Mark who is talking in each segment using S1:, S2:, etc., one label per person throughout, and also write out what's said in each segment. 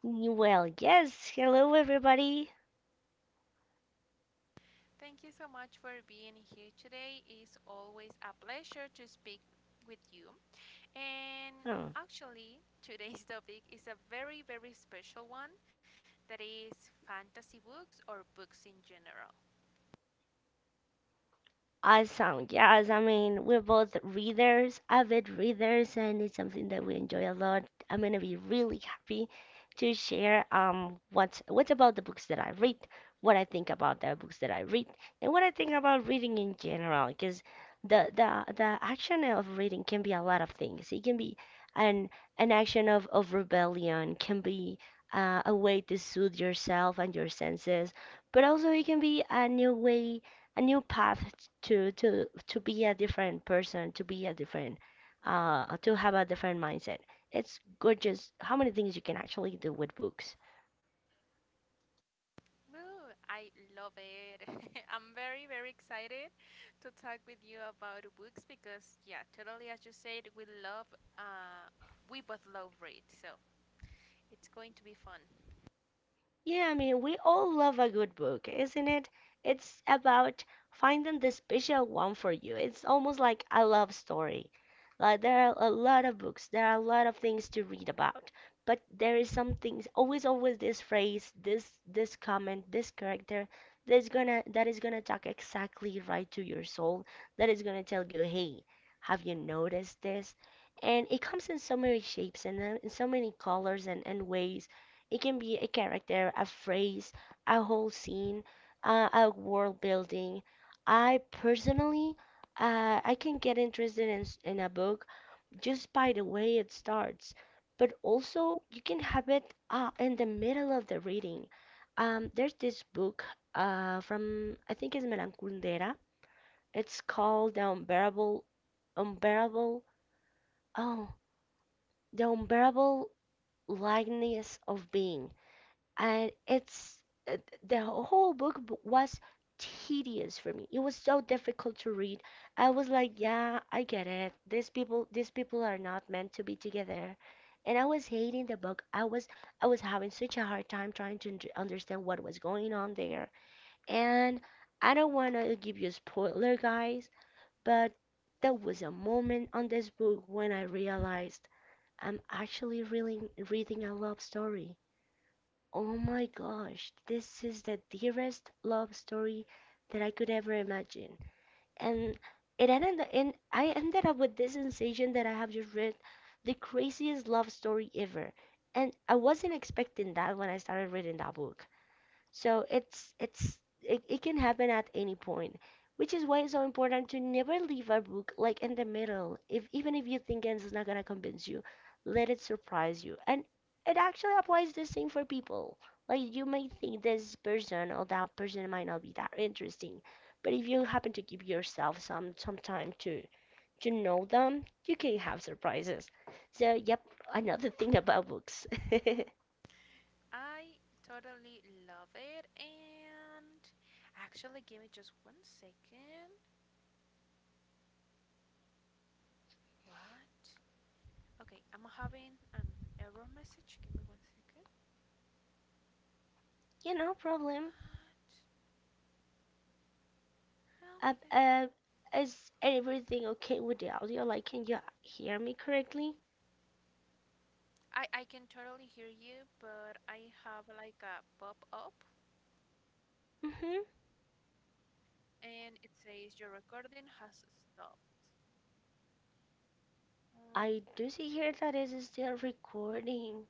S1: Well, yes. Hello, everybody. Oh, Awesome. We're both readers, avid readers, and it's something that we enjoy a lot. I'm gonna be really happy to share what's about the books that I read, what I think about the books that I read, and what I think about reading in general, because the action of reading can be a lot of things. It can be an an action of rebellion, can be a way to soothe yourself and your senses, but also it can be a new path to be a different person, to be a different to have a different mindset. It's gorgeous how many things you can actually do with books. Yeah, I mean, we all love a good book, isn't it? It's about finding the special one for you. It's almost like a love story. Like, there are a lot of books, there are a lot of things to read about, but there is some things, always, always this phrase, this comment, this character that is gonna talk exactly right to your soul, that is gonna tell you, hey, have you noticed this? And it comes in so many shapes and in so many colors and ways it can be a character, a phrase, a whole scene, a world building. I personally, I can get interested in, in a book just by the way it starts, but also you can have it in the middle of the reading. There's this book from, I think it's Milan Kundera. It's called Unbearable, oh, The Unbearable Likeness of Being and it's uh, the whole was tedious for me. It was so difficult to read. I was like, yeah, I get it. These people are not meant to be together. And I was hating the book. I was having such a hard time trying to understand what was going on there. And I don't want to give you a spoiler, guys, but there was a moment on this book when I realized I'm actually really reading a love story. Oh my gosh, this is the dearest love story that I could ever imagine. And it ended in I ended up with this sensation that I have just read the craziest love story ever. And I wasn't expecting that when I started reading that book. So it can happen at any point, which is why it's so important to never leave a book like in the middle. If Even if you think it's not gonna convince you, let it surprise you. And it actually applies the same for people. Like you may think this person or that person might not be that interesting, but if you happen to give yourself some time to know them, you can have surprises. So yep, another thing about books. You know, problem. Uh, um, is everything okay with the audio? Like, can you hear me correctly? Mm-hmm. I do see here that it is still recording.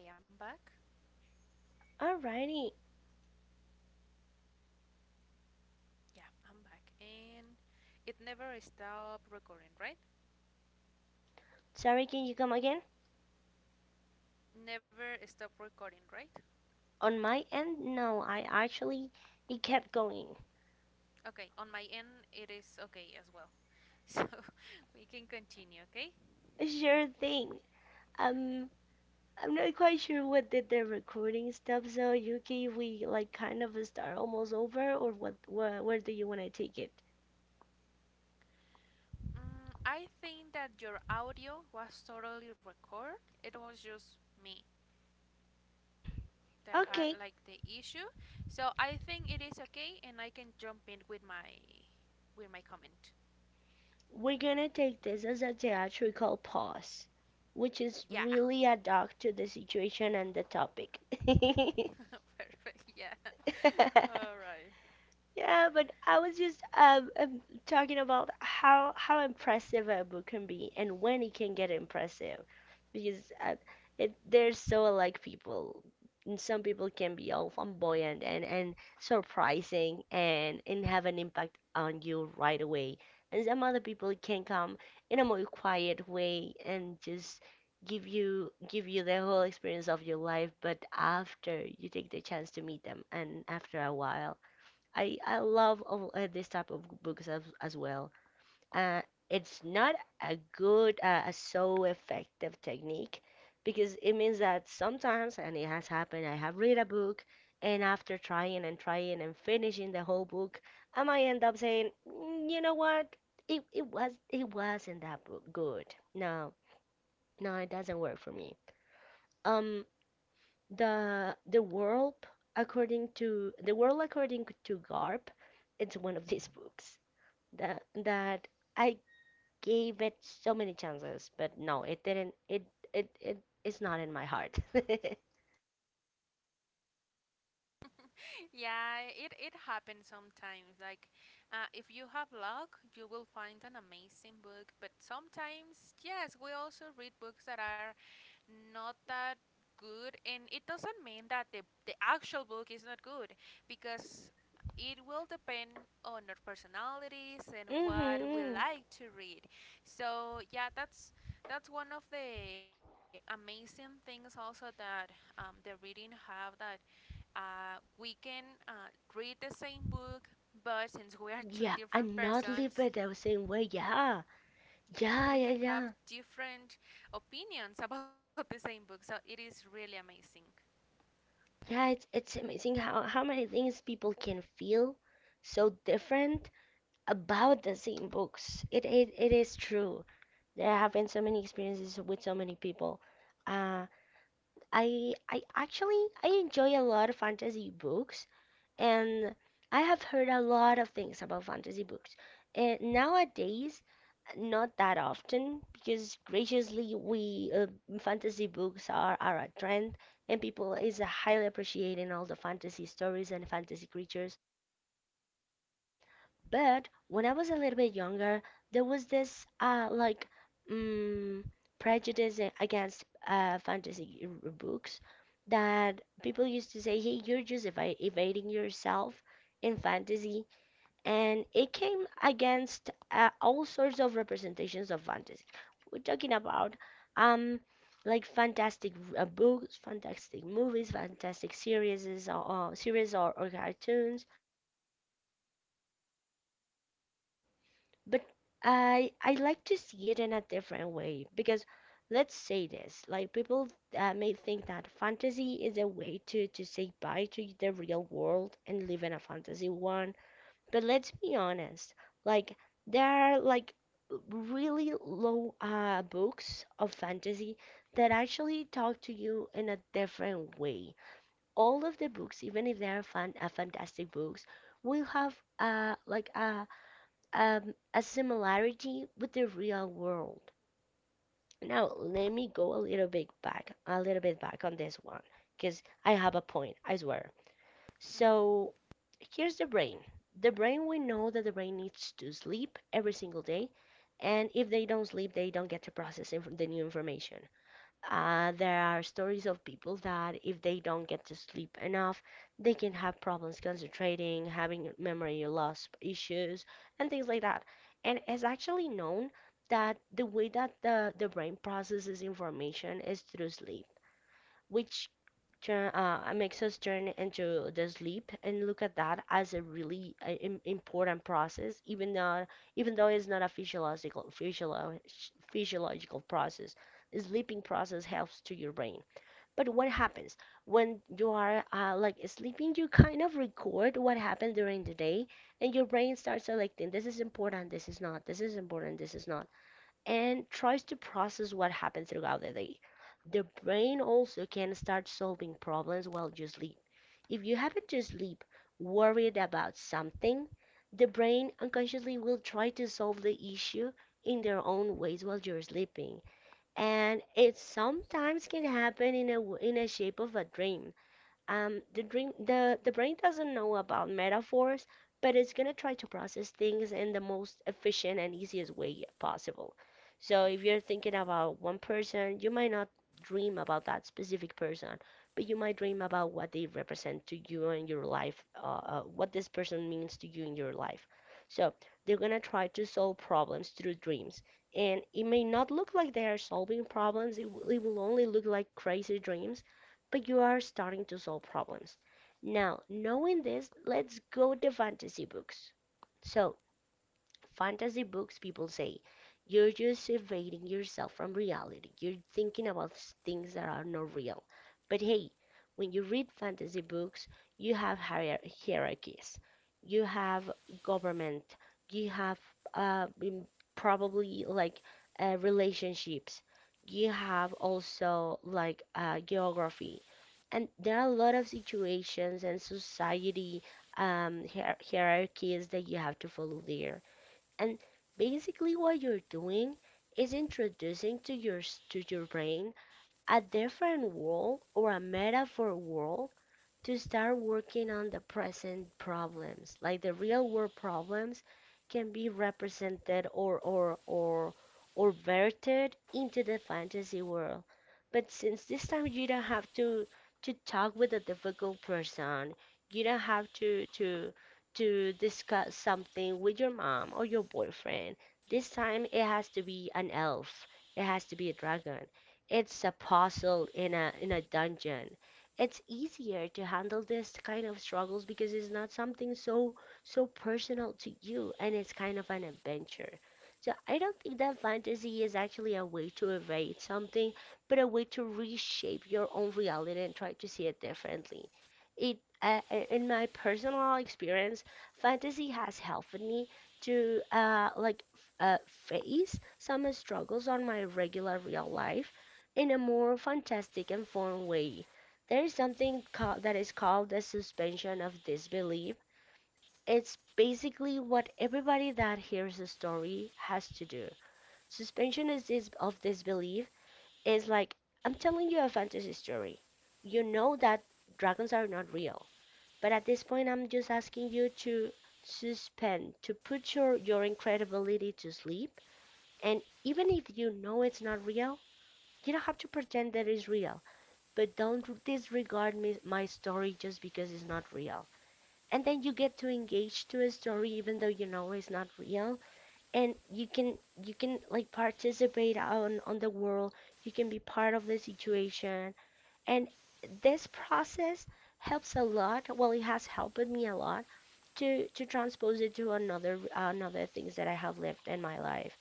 S2: Okay, I'm back.
S1: Alrighty.
S2: Yeah, I'm back. And it never stopped recording, right?
S1: Sorry, can you come again?
S2: Never stopped recording, right?
S1: On my end, no, I actually it kept going.
S2: Okay, on my end, it is okay as well. So we can continue, okay?
S1: Sure thing. Um,
S2: Perfect.
S1: I'm not quite sure what did the recording stop, so Yuki, we like kind of start almost over, or what? Wh Where do you want to take it?
S2: Mm, I think that your audio was totally record. It was just me that had
S1: Okay.
S2: like the issue. So I think it is okay and I can jump in with my comment.
S1: We're gonna take this as a theatrical pause, which is
S2: Yeah.
S1: really ad hoc to the situation and the topic.
S2: Perfect. Yeah. All right.
S1: Yeah, but I was just talking about how impressive a book can be and when it can get impressive, because it they're so like people. And some people can be all flamboyant and surprising and have an impact on you right away, and some other people can come in a more quiet way and just give you the whole experience of your life, but after you take the chance to meet them and after a while I love of, this type of books as well. Uh, it's not a good, a so effective technique because it means that sometimes, and it has happened, I have read a book and after trying and trying and finishing the whole book, I might end up saying, "Mm, you know what? It wasn't that good. No, no, it doesn't work for me. Um, the world according to Garp, it's one of these books that I gave it so many chances, but no, it didn't. It it it's not in my heart."
S2: Yeah, it happens sometimes. If you have luck, you will find an amazing book. But sometimes, yes, we also read books that are not that good, and it doesn't mean that the actual book is not good, because it will depend on our personalities and what
S1: Mm-hmm.
S2: we like to read. So yeah, that's one of the amazing things also that the reading have that we can read the same book, but since we are two
S1: Yeah,
S2: different
S1: I'm not live
S2: persons,
S1: it the same way. Yeah,
S2: yeah,
S1: yeah,
S2: we
S1: yeah,
S2: can have
S1: yeah,
S2: different opinions about the same book. So it is really amazing.
S1: yeah. It's amazing how many things people can feel so different about the same books. It is true. There have been so many experiences with so many people. Uh, I actually I enjoy a lot of fantasy books, and I have heard a lot of things about fantasy books. And nowadays, not that often, because graciously, we fantasy books are a trend, and people is highly appreciating all the fantasy stories and fantasy creatures. But when I was a little bit younger, there was this like mm prejudice against fantasy books that people used to say, "Hey, you're just evading yourself in fantasy." And it came against all sorts of representations of fantasy. We're talking about um fantastic books, fantastic movies, fantastic series or or cartoons, but I like to see it in a different way because let's say this like people may think that fantasy is a way to say bye to the real world and live in a fantasy one. But let's be honest, like there are like really low books of fantasy that actually talk to you in a different way. All of the books, even if they are fantastic books, will have like a similarity with the real world. Now, let me go a little bit back, a little bit back on this one, because I have a point, I swear. So here's the brain. The brain, we know that the brain needs to sleep every single day, and if they don't sleep, they don't get to process the new information. There are stories of people that if they don't get to sleep enough, they can have problems concentrating, having memory loss issues, and things like that. And it's actually known that the way that the brain processes information is through sleep, which makes us turn into the sleep and look at that as a really important process, even though it's not a physiological process. The sleeping process helps to your brain. But what happens when you are like sleeping? You kind of record what happened during the day, and your brain starts selecting this is important, this is not, this is important, this is not, and tries to process what happens throughout the day. The brain also can start solving problems while you sleep. If you happen to sleep worried about something, the brain unconsciously will try to solve the issue in their own ways while you're sleeping. And it sometimes can happen in in a shape of a dream. The brain doesn't know about metaphors, but it's going to try to process things in the most efficient and easiest way possible. So if you're thinking about one person, you might not dream about that specific person, but you might dream about what they represent to you in your life, what this person means to you in your life. So they're going to try to solve problems through dreams, and it may not look like they are solving problems. It will only look like crazy dreams, but you are starting to solve problems. Now, knowing this, let's go to fantasy books. So, fantasy books, people say you're just evading yourself from reality. You're thinking about things that are not real. But hey, when you read fantasy books, you have hierarchies, you have government, you have uh, mm, probably like relationships, you have also like geography. And there are a lot of situations and society hierarchies that you have to follow there. And basically what you're doing is introducing to your to your brain a different world or a metaphor world to start working on the present problems. Like the real world problems can be represented or or verted into the fantasy world. But since this time you don't have to talk with a difficult person, you don't have to discuss something with your mom or your boyfriend. This time it has to be an elf. It has to be a dragon. It's a puzzle in a dungeon. It's easier to handle this kind of struggles because it's not something so personal to you, and it's kind of an adventure. So I don't think that fantasy is actually a way to evade something, but a way to reshape your own reality and try to see it differently. It In my personal experience, fantasy has helped me to face some struggles on my regular real life in a more fantastic and fun way. There is something that is called the suspension of disbelief. It's basically what everybody that hears a story has to do. Suspension of disbelief is like, I'm telling you a fantasy story. You know that dragons are not real, but at this point I'm just asking you to suspend, to put your incredibility to sleep, and even if you know it's not real, you don't have to pretend that it's real, but don't disregard me, my story, just because it's not real. And then you get to engage to a story even though you know it's not real, and you can like participate on the world. You can be part of the situation, and this process helps a lot. Well, it has helped me a lot to transpose it to another things that I have lived in my life.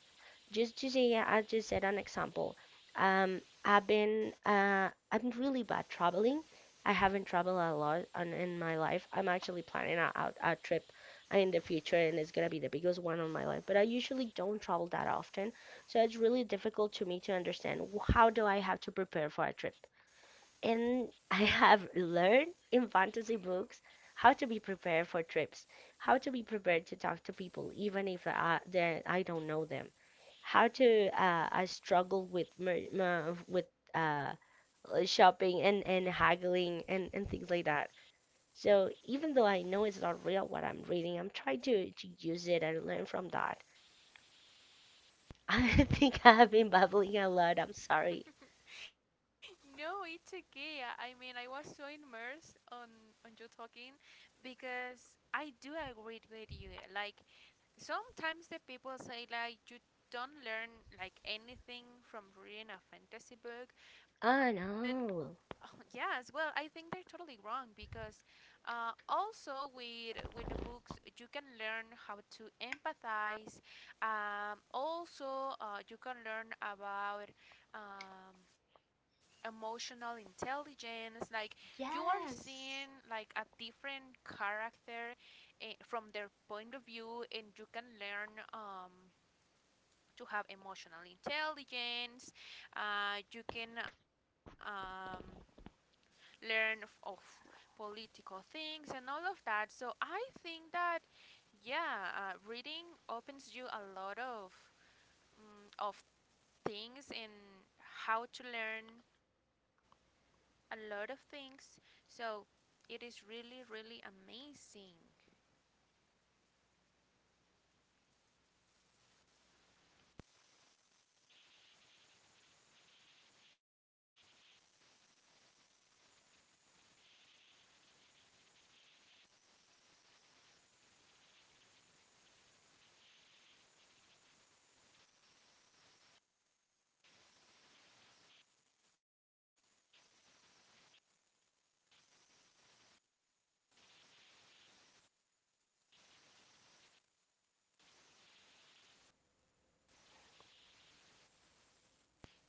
S1: Just to say, yeah, I just said an example. I've been I'm really bad traveling. I haven't traveled a lot in my life. I'm actually planning a trip in the future, and it's gonna be the biggest one on my life. But I usually don't travel that often, so it's really difficult to me to understand how do I have to prepare for a trip. And I have learned in fantasy books how to be prepared for trips, how to be prepared to talk to people, even if I don't know them, how to I struggle with uh, shopping and haggling and things like that. So even though I know it's not real what I'm reading, I'm trying to use it and learn from that. I think I have been babbling a lot. I'm sorry.
S2: No, it's okay. I mean, I was so immersed on you talking because I do agree with you. Like sometimes the people say like you don't learn like anything from reading a fantasy book, but
S1: Oh
S2: oh,
S1: no.
S2: yes, well, I think they're totally wrong because also with the books you can learn how to empathize. Also, you can learn about um, emotional intelligence. Like you are seeing
S1: Yes.
S2: like a different character from their point of view, and you can learn to have emotional intelligence. You can learn of political things and all of that. So I think that yeah, reading opens you a lot of of things and how to learn a lot of things. So it is really really amazing.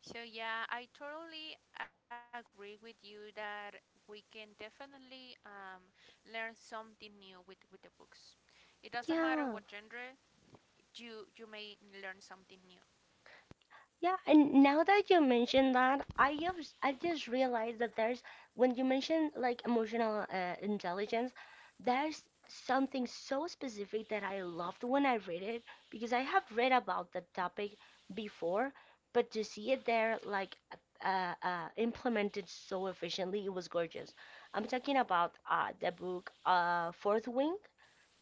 S2: So yeah, I totally agree with you that we can definitely learn something new with the books. It doesn't matter what
S1: Yeah,
S2: genre you may learn something new.
S1: yeah, and now that you mention that, I just realized that there's when you mention like emotional intelligence, there's something so specific that I loved when I read it because I have read about the topic before, but to see it there like implemented so efficiently, it was gorgeous. I'm talking about the book, Fourth Wing.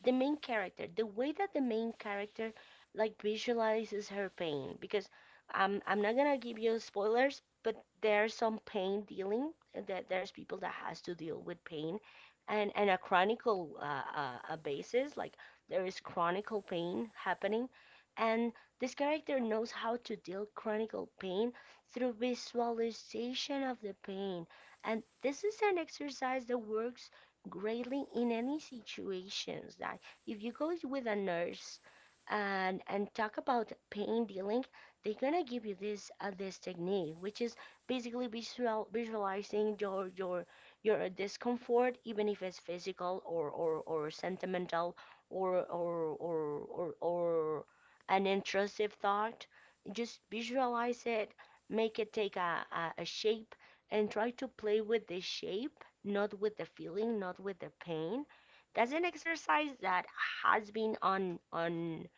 S1: The main character, the way that the main character like visualizes her pain, because I'm not gonna give you spoilers, but there's some pain dealing that there's people that has to deal with pain, and a chronicle basis, like there is chronicle pain happening, and this character knows how to deal chronicle pain through visualization of the pain, and this is an exercise that works greatly in any situations that if you go with a nurse and talk about pain dealing, they're gonna give you this technique, which is basically visualizing your discomfort, even if it's physical or sentimental or or, or or an intrusive thought. Just visualize it, make it take a shape, and try to play with this shape, not with the feeling, not with the pain. That's an exercise that has been on on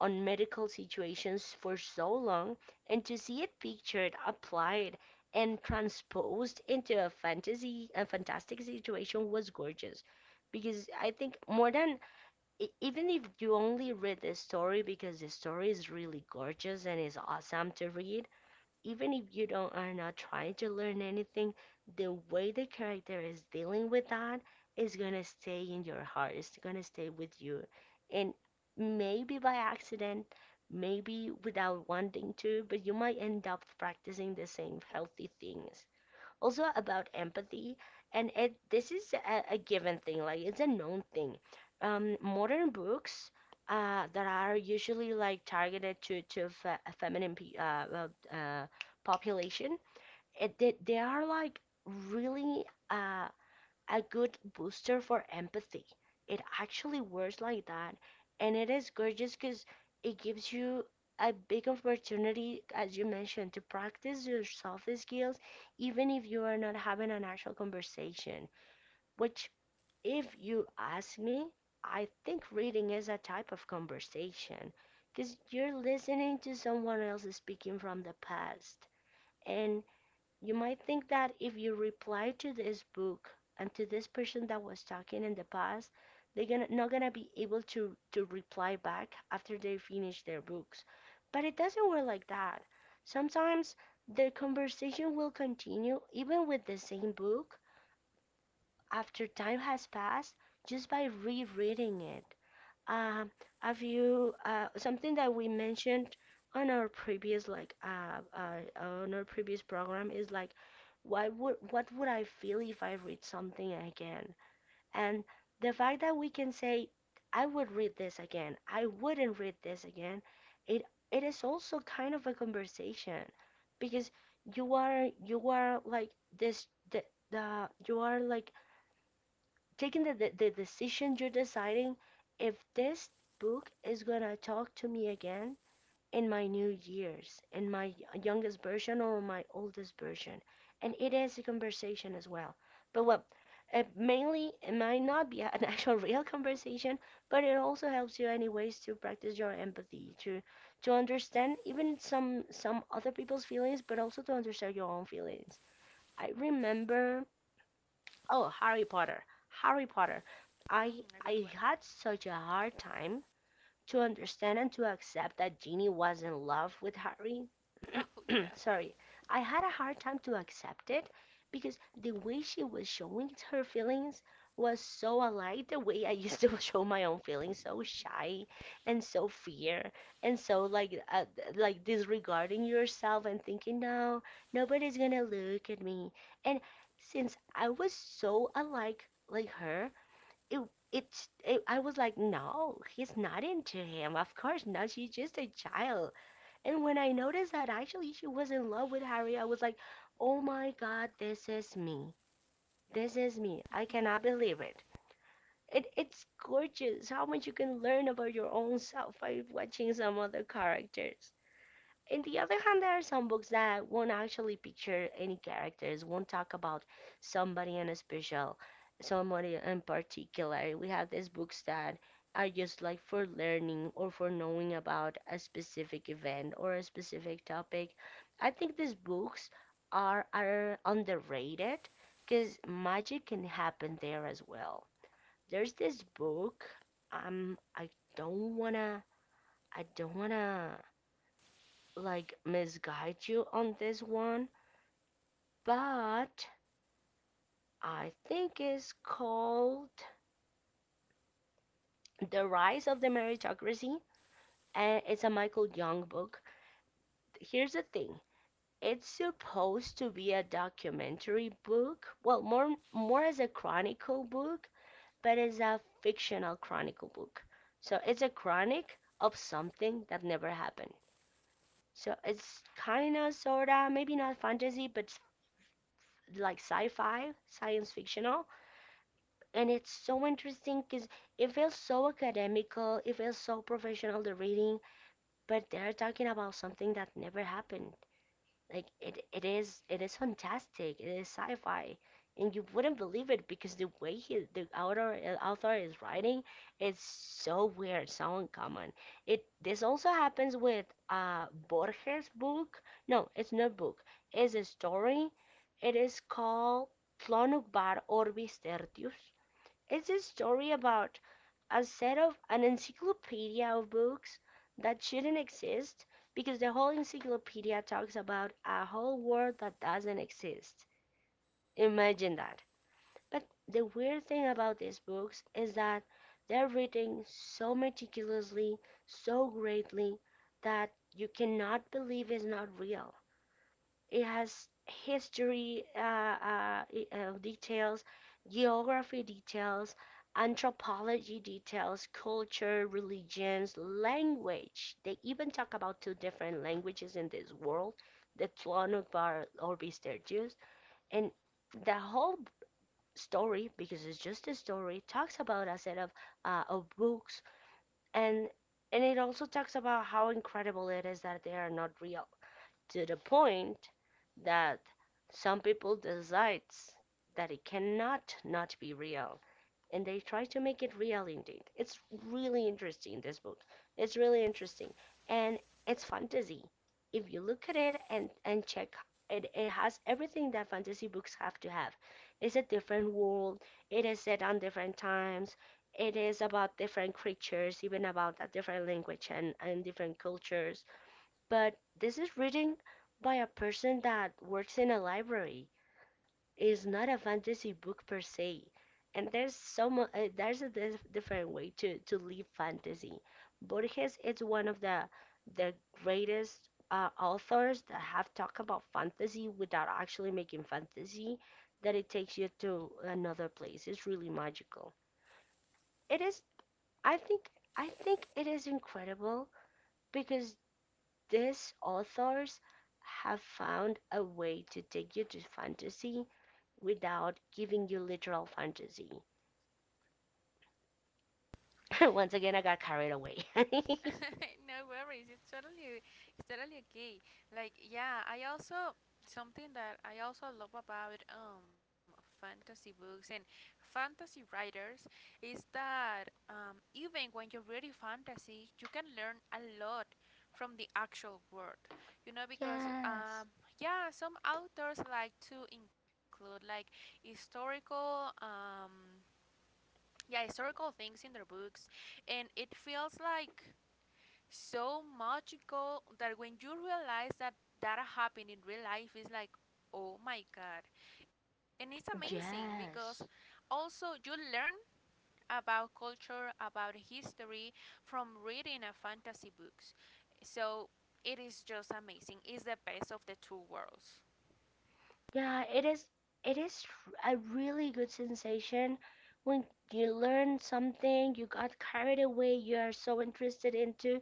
S1: on medical situations for so long, and to see it pictured, applied, and transposed into a fantasy, a fantastic situation, was gorgeous. Because I think more than even if you only read the story because the story is really gorgeous and is awesome to read, even if you don't are not trying to learn anything, the way the character is dealing with that is gonna stay in your heart. It's gonna stay with you. And maybe by accident, maybe without wanting to, but you might end up practicing the same healthy things, also about empathy. And it this is a given thing, like it's a known thing. Um, modern books, uh, that are usually like targeted to a feminine population, it they are like really, uh, a good booster for empathy. It actually works like that, and it is gorgeous because it gives you a big opportunity, as you mentioned, to practice your soft skills, even if you are not having an actual conversation. Which, if you ask me, I think reading is a type of conversation because you're listening to someone else speaking from the past. And you might think that if you reply to this book and to this person that was talking in the past, not gonna be able to reply back after they finish their books. But it doesn't work like that. Sometimes the conversation will continue even with the same book after time has passed, just by rereading it. Um, have you something that we mentioned on our previous on our previous program is like, why would what would I feel if I read something again? And the fact that we can say I would read this again, I wouldn't read this again, it it is also kind of a conversation because you are like this the you are like taking the decision, you're deciding if this book is gonna talk to me again in my new years, in my youngest version or my oldest version. And it is a conversation as well. But well, it might not be an actual real conversation, but it also helps you anyways to practice your empathy, to understand even some other people's feelings, but also to understand your own feelings. I remember, oh, Harry Potter. Harry Potter.
S2: Mm, a
S1: I
S2: good one.
S1: I had such a hard time to understand and to accept that Ginny was in love with Harry.
S2: Oh yeah,
S1: Sorry, I had a hard time to accept it because the way she was showing her feelings was so alike the way I used to show my own feelings, so shy and so fear and so like, like disregarding yourself and thinking no, nobody's gonna look at me. And since I was so alike, like her, it it, it I was like, no, he's not into him. Of course not. She's just a child. And when I noticed that actually she was in love with Harry, I was like, oh my God, this is me. This is me. I cannot believe it. It it's gorgeous how much you can learn about your own self by watching some other characters. In the other hand, there are some books that won't actually picture any characters, won't talk about somebody in a special, somebody in particular. We have these books that are just like for learning or for knowing about a specific event or a specific topic. I think these books are underrated because magic can happen there as well. There's this book, um, I don't wanna, I don't wanna like misguide you on this one, but I think it's called The Rise of the Meritocracy, and it's a Michael Young book. Here's the thing. It's supposed to be a documentary book, well, more as a chronicle book, but it's a fictional chronicle book. So it's a chronic of something that never happened. So it's kind of, sort of, maybe not fantasy, but like sci-fi, science fictional. And it's so interesting because it feels so academical, it feels so professional the reading, but they're talking about something that never happened. Like it is fantastic. It is sci-fi, and you wouldn't believe it because the way the author, is writing, is so weird, so uncommon. It this also happens with Borges' book. No, it's not book. It's a story. It is called Tlonukbar Orbis Tertius. It's a story about a set of an encyclopedia of books that shouldn't exist because the whole encyclopedia talks about a whole world that doesn't exist. Imagine that. But the weird thing about these books is that they're written so meticulously, so greatly, that you cannot believe it's not real. It has history, details, geography details, anthropology details, culture, religions, language. They even talk about two different languages in this world, the Tlaloc Bar or Tergius. And the whole story, because it's just a story, talks about a set of books and it also talks about how incredible it is that they are not real to the point that some people decides that it cannot not be real, and they try to make it real. Indeed, it's really interesting, this book. It's really interesting. And it's fantasy. If you look at it and check it, it has everything that fantasy books have to have. It's a different world, it is set on different times, it is about different creatures, even about a different language and different cultures. But this is reading by a person that works in a library. It's not a fantasy book per se. And there's so much. There's a different way to live fantasy. Borges is one of the greatest authors that have talked about fantasy without actually making fantasy. That it takes you to another place. It's really magical. It is, I think. I think it is incredible because these authors have found a way to take you to fantasy without giving you literal fantasy.
S2: yeah.
S1: Once again, I got carried away.
S2: No worries. It's totally okay. Like yeah, I also something that I also love about fantasy books and fantasy writers is that even when you're reading fantasy, you can learn a lot from the actual world. You know, because
S1: Yes,
S2: yeah, some authors like to include like historical yeah historical things in their books, and it feels like so magical that when you realize that that happened in real life, it's like oh my god, and it's amazing because
S1: yes,
S2: also you learn about culture, about history from reading a fantasy books. So it is just amazing. It's the best of the two worlds.
S1: yeah. It is. It is a really good sensation when you learn something. You got carried away, you are so interested into,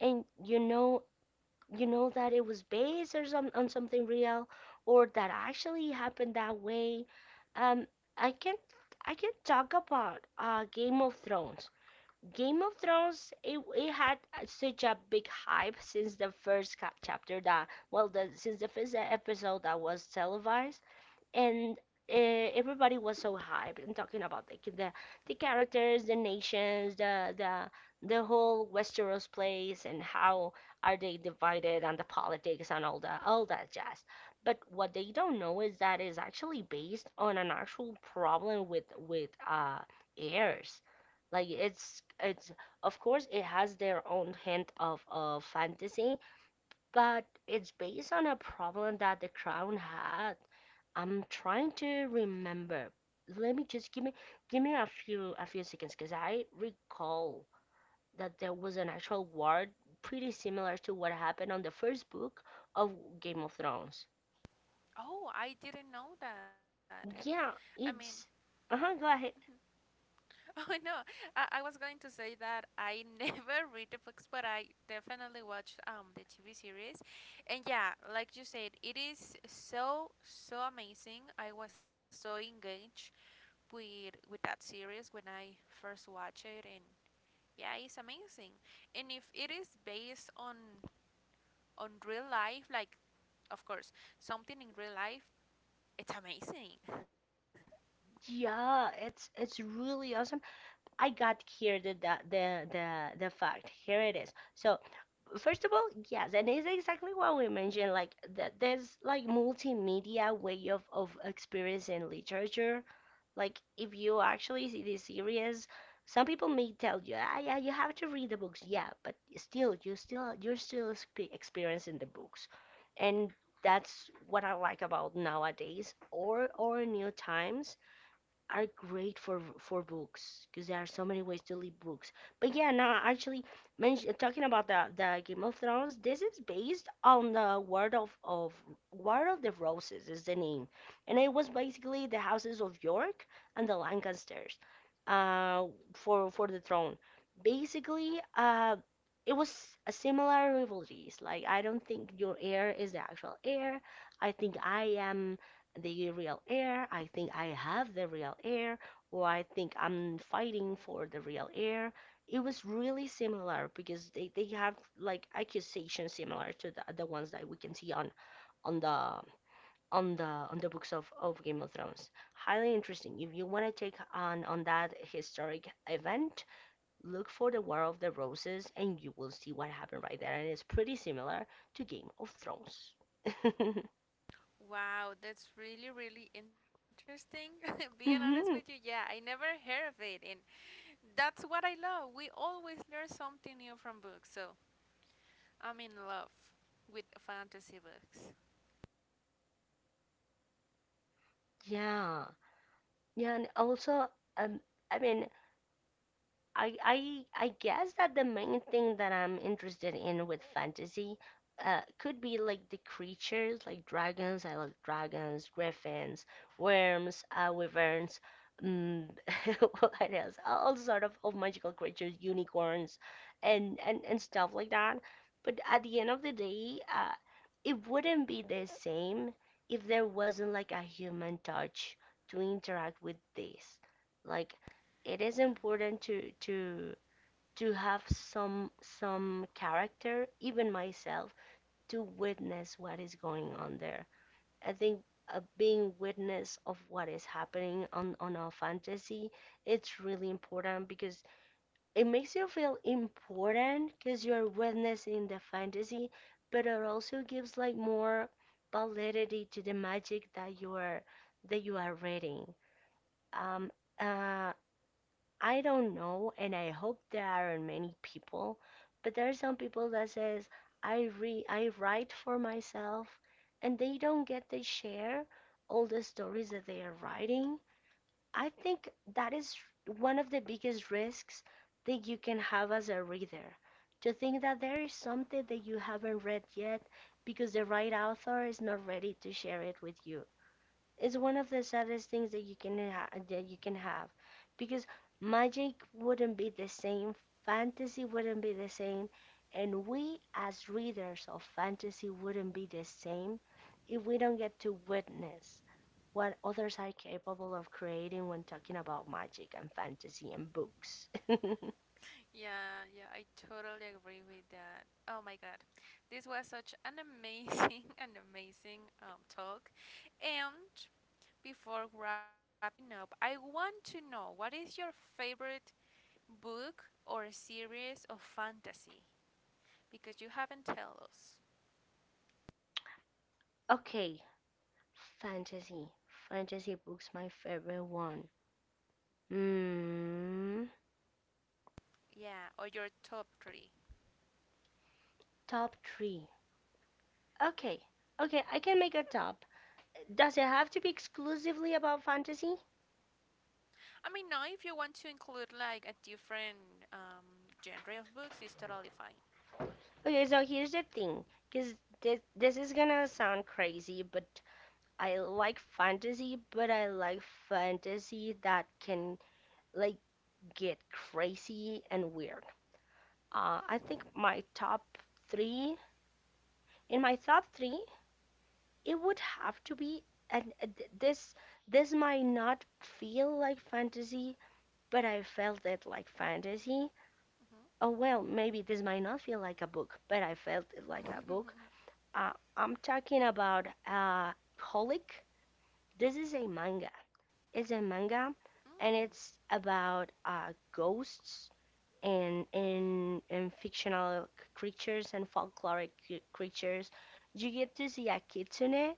S1: and you know that it was based or some, on something real, or that actually happened that way. um i can I can talk about Game of Thrones. Game of Thrones, it had such a big hype since the first chapter, that well the, since the first episode that was televised. And uh, everybody was so hyped and talking about like the characters, the nations, the whole Westeros place and how are they divided, and the politics, and all that jazz. But what they don't know is that is actually based on an actual problem with heirs. Like, it's of course it has their own hint of fantasy, but it's based on a problem that the crown had. I'm trying to remember. Let me just give me a few seconds, because I recall that there was an actual war pretty similar to what happened on the first book of Game of Thrones.
S2: Oh, I didn't know that. I
S1: Yeah,
S2: mean,
S1: it's uh-huh, go ahead.
S2: oh no, I was going to say that I never read the books, but I definitely watched the TV series, and yeah, like you said, it is so so amazing. I was so engaged with that series when I first watched it, and yeah, it's amazing. And if it is based on real life, like of course something in real life, it's amazing.
S1: Yeah, it's really awesome. I got here the the fact. Here it is. So first of all, yes, and it's exactly what we mentioned, like that there's like multimedia way of experiencing literature. Like if you actually see this series, some people may tell you, ah, yeah, you have to read the books, yeah, but still, you're still experiencing the books, and that's what I like about nowadays, or new times are great for books, because there are so many ways to read books. But yeah, now actually, talking about the Game of Thrones, this is based on the Word of War of the Roses is the name, and it was basically the houses of York and the Lancasters, uh, for the throne. Basically. It was a similar rivalries. Like, I don't think your heir is the actual heir. I think I am the real heir, I think I have the real heir, or I think I'm fighting for the real heir. It was really similar because they have like accusations similar to the ones that we can see on on the on the books of Game of Thrones. Highly interesting. If you want to take on that historic event, look for the War of the Roses and you will see what happened right there. And it's pretty similar to Game of Thrones.
S2: Wow, that's really, really interesting. Being honest with you, yeah,
S1: Hmm.
S2: I never heard of it, and that's what I love. We always learn something new from books, so I'm in love with fantasy books.
S1: Yeah. Yeah, and also, um, I mean, I guess that the main thing that I'm interested in with fantasy could be like the creatures, like dragons. I like dragons, griffins, worms, wyverns. Mm, what else? All sort of magical creatures, unicorns, and, and stuff like that. But at the end of the day, it wouldn't be the same if there wasn't like a human touch to interact with this. Like,
S2: Yeah,
S1: it is important to to have some character, even myself, to witness what is going on there. I think being witness of what is happening on our fantasy, it's really important, because it makes you feel important because you're witnessing the fantasy, but it also gives like more validity to the magic that you are reading. Um, uh, I don't know, and I hope there aren't many people, but there are some people that says I re I write for myself, and they don't get to share all the stories that they are writing. I think that is one of the biggest risks that you can have as a reader. To think that there is something that you haven't read yet because the right author is not ready to share it with you is one of the saddest things that you can have, because magic wouldn't be the same, fantasy wouldn't be the same, and we as readers of fantasy wouldn't be the same if we don't get to witness what others are capable of creating when talking about magic and fantasy and books.
S2: yeah, yeah, I totally agree with that. Oh my god, this was such an an amazing talk. And before wrapping up, I want to know, what is your favorite book or series of fantasy? Because you haven't tell us.
S1: Okay, fantasy. Fantasy books, my favorite one. Hmm.
S2: Yeah, or your top three.
S1: Top three. Okay, okay, I can make a top. Does it have to be exclusively about fantasy?
S2: I mean, now if you want to include like a different genre of books, it's totally fine.
S1: Okay, so here's the thing, because this is gonna sound crazy, but I like fantasy, but I like fantasy that can like get crazy and weird. I think my top three, in my top three, it would have to be, and this might not feel like fantasy, but I felt it like fantasy. Oh, well, maybe this might not feel like a book, but I felt it like a book.
S2: Mhm.
S1: Uh, I'm talking about Holic. This is a manga. It's a manga,
S2: Mm.
S1: and it's about ghosts and, and fictional creatures and folkloric creatures. You get to see a kitsune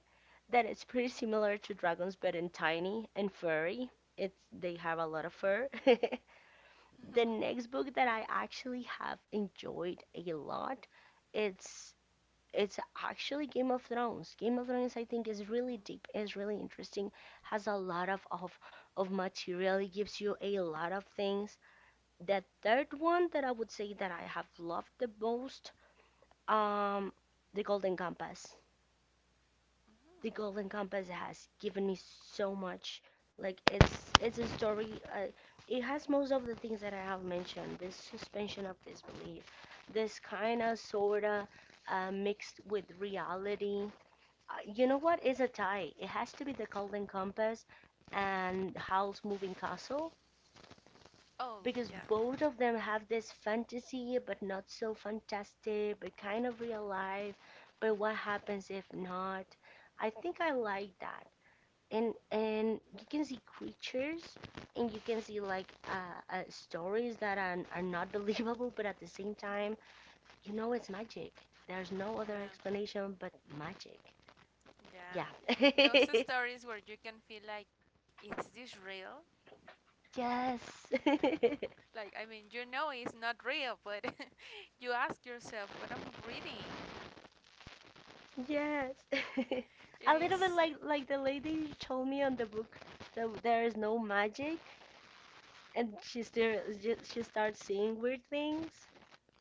S1: that is pretty
S2: Mhm.
S1: similar to dragons, but in tiny and furry. It's they have a lot of
S2: Mm.
S1: fur.
S2: Mhm.
S1: The next book that I actually have enjoyed a lot, it's it's actually Game of Thrones. Game of Thrones, I think, is really deep, is really interesting, has a lot of of material. It gives you a lot of things. The third one that I would say that I have loved the most, um, The Golden Compass. The
S2: Mhm.
S1: Golden Compass has given me so much. Like, it's a story. It has most of the things that I have mentioned. This suspension of disbelief, this kind of sorta mixed with reality. You know what is a tie? It has to be the Golden Compass and Howl's Moving Castle,
S2: Oh yeah,
S1: because both of them have this fantasy, but not so fantastic, but kind of real life. But what happens if not? I think I like that, and you can see creatures, and you can see like stories that are not believable, but at the same time
S2: mhm.
S1: you know it's magic. There's no other
S2: Yeah,
S1: explanation but magic. Yeah.
S2: yeah. Those stories where you can feel like, is this real?
S1: Yes.
S2: Like, I mean, you know it's not real, but you ask yourself, what I'm reading.
S1: Yes. A
S2: It
S1: little bit
S2: is.
S1: like the lady who told me on the book that there is no magic, and she still, she starts seeing weird things.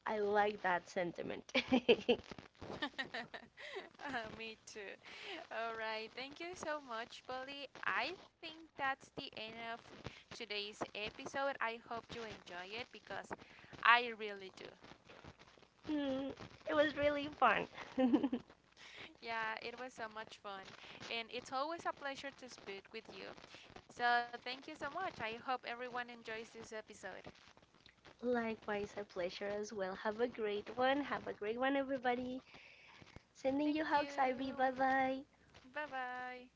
S1: I like that sentiment.
S2: Me too. All right. Thank you so much, Polly. I think that's the end of today's episode. I hope you enjoy it because I really do.
S1: Mm, it was really fun.
S2: Yeah, it was so much fun. And it's always a pleasure to speak with you. So thank you so much. I hope everyone enjoys this episode.
S1: Likewise, a pleasure as well. Have a great one. Have a great one, everybody. Sending you
S2: Thank
S1: hugs, Ivy.
S2: you.
S1: Bye bye.
S2: Bye bye.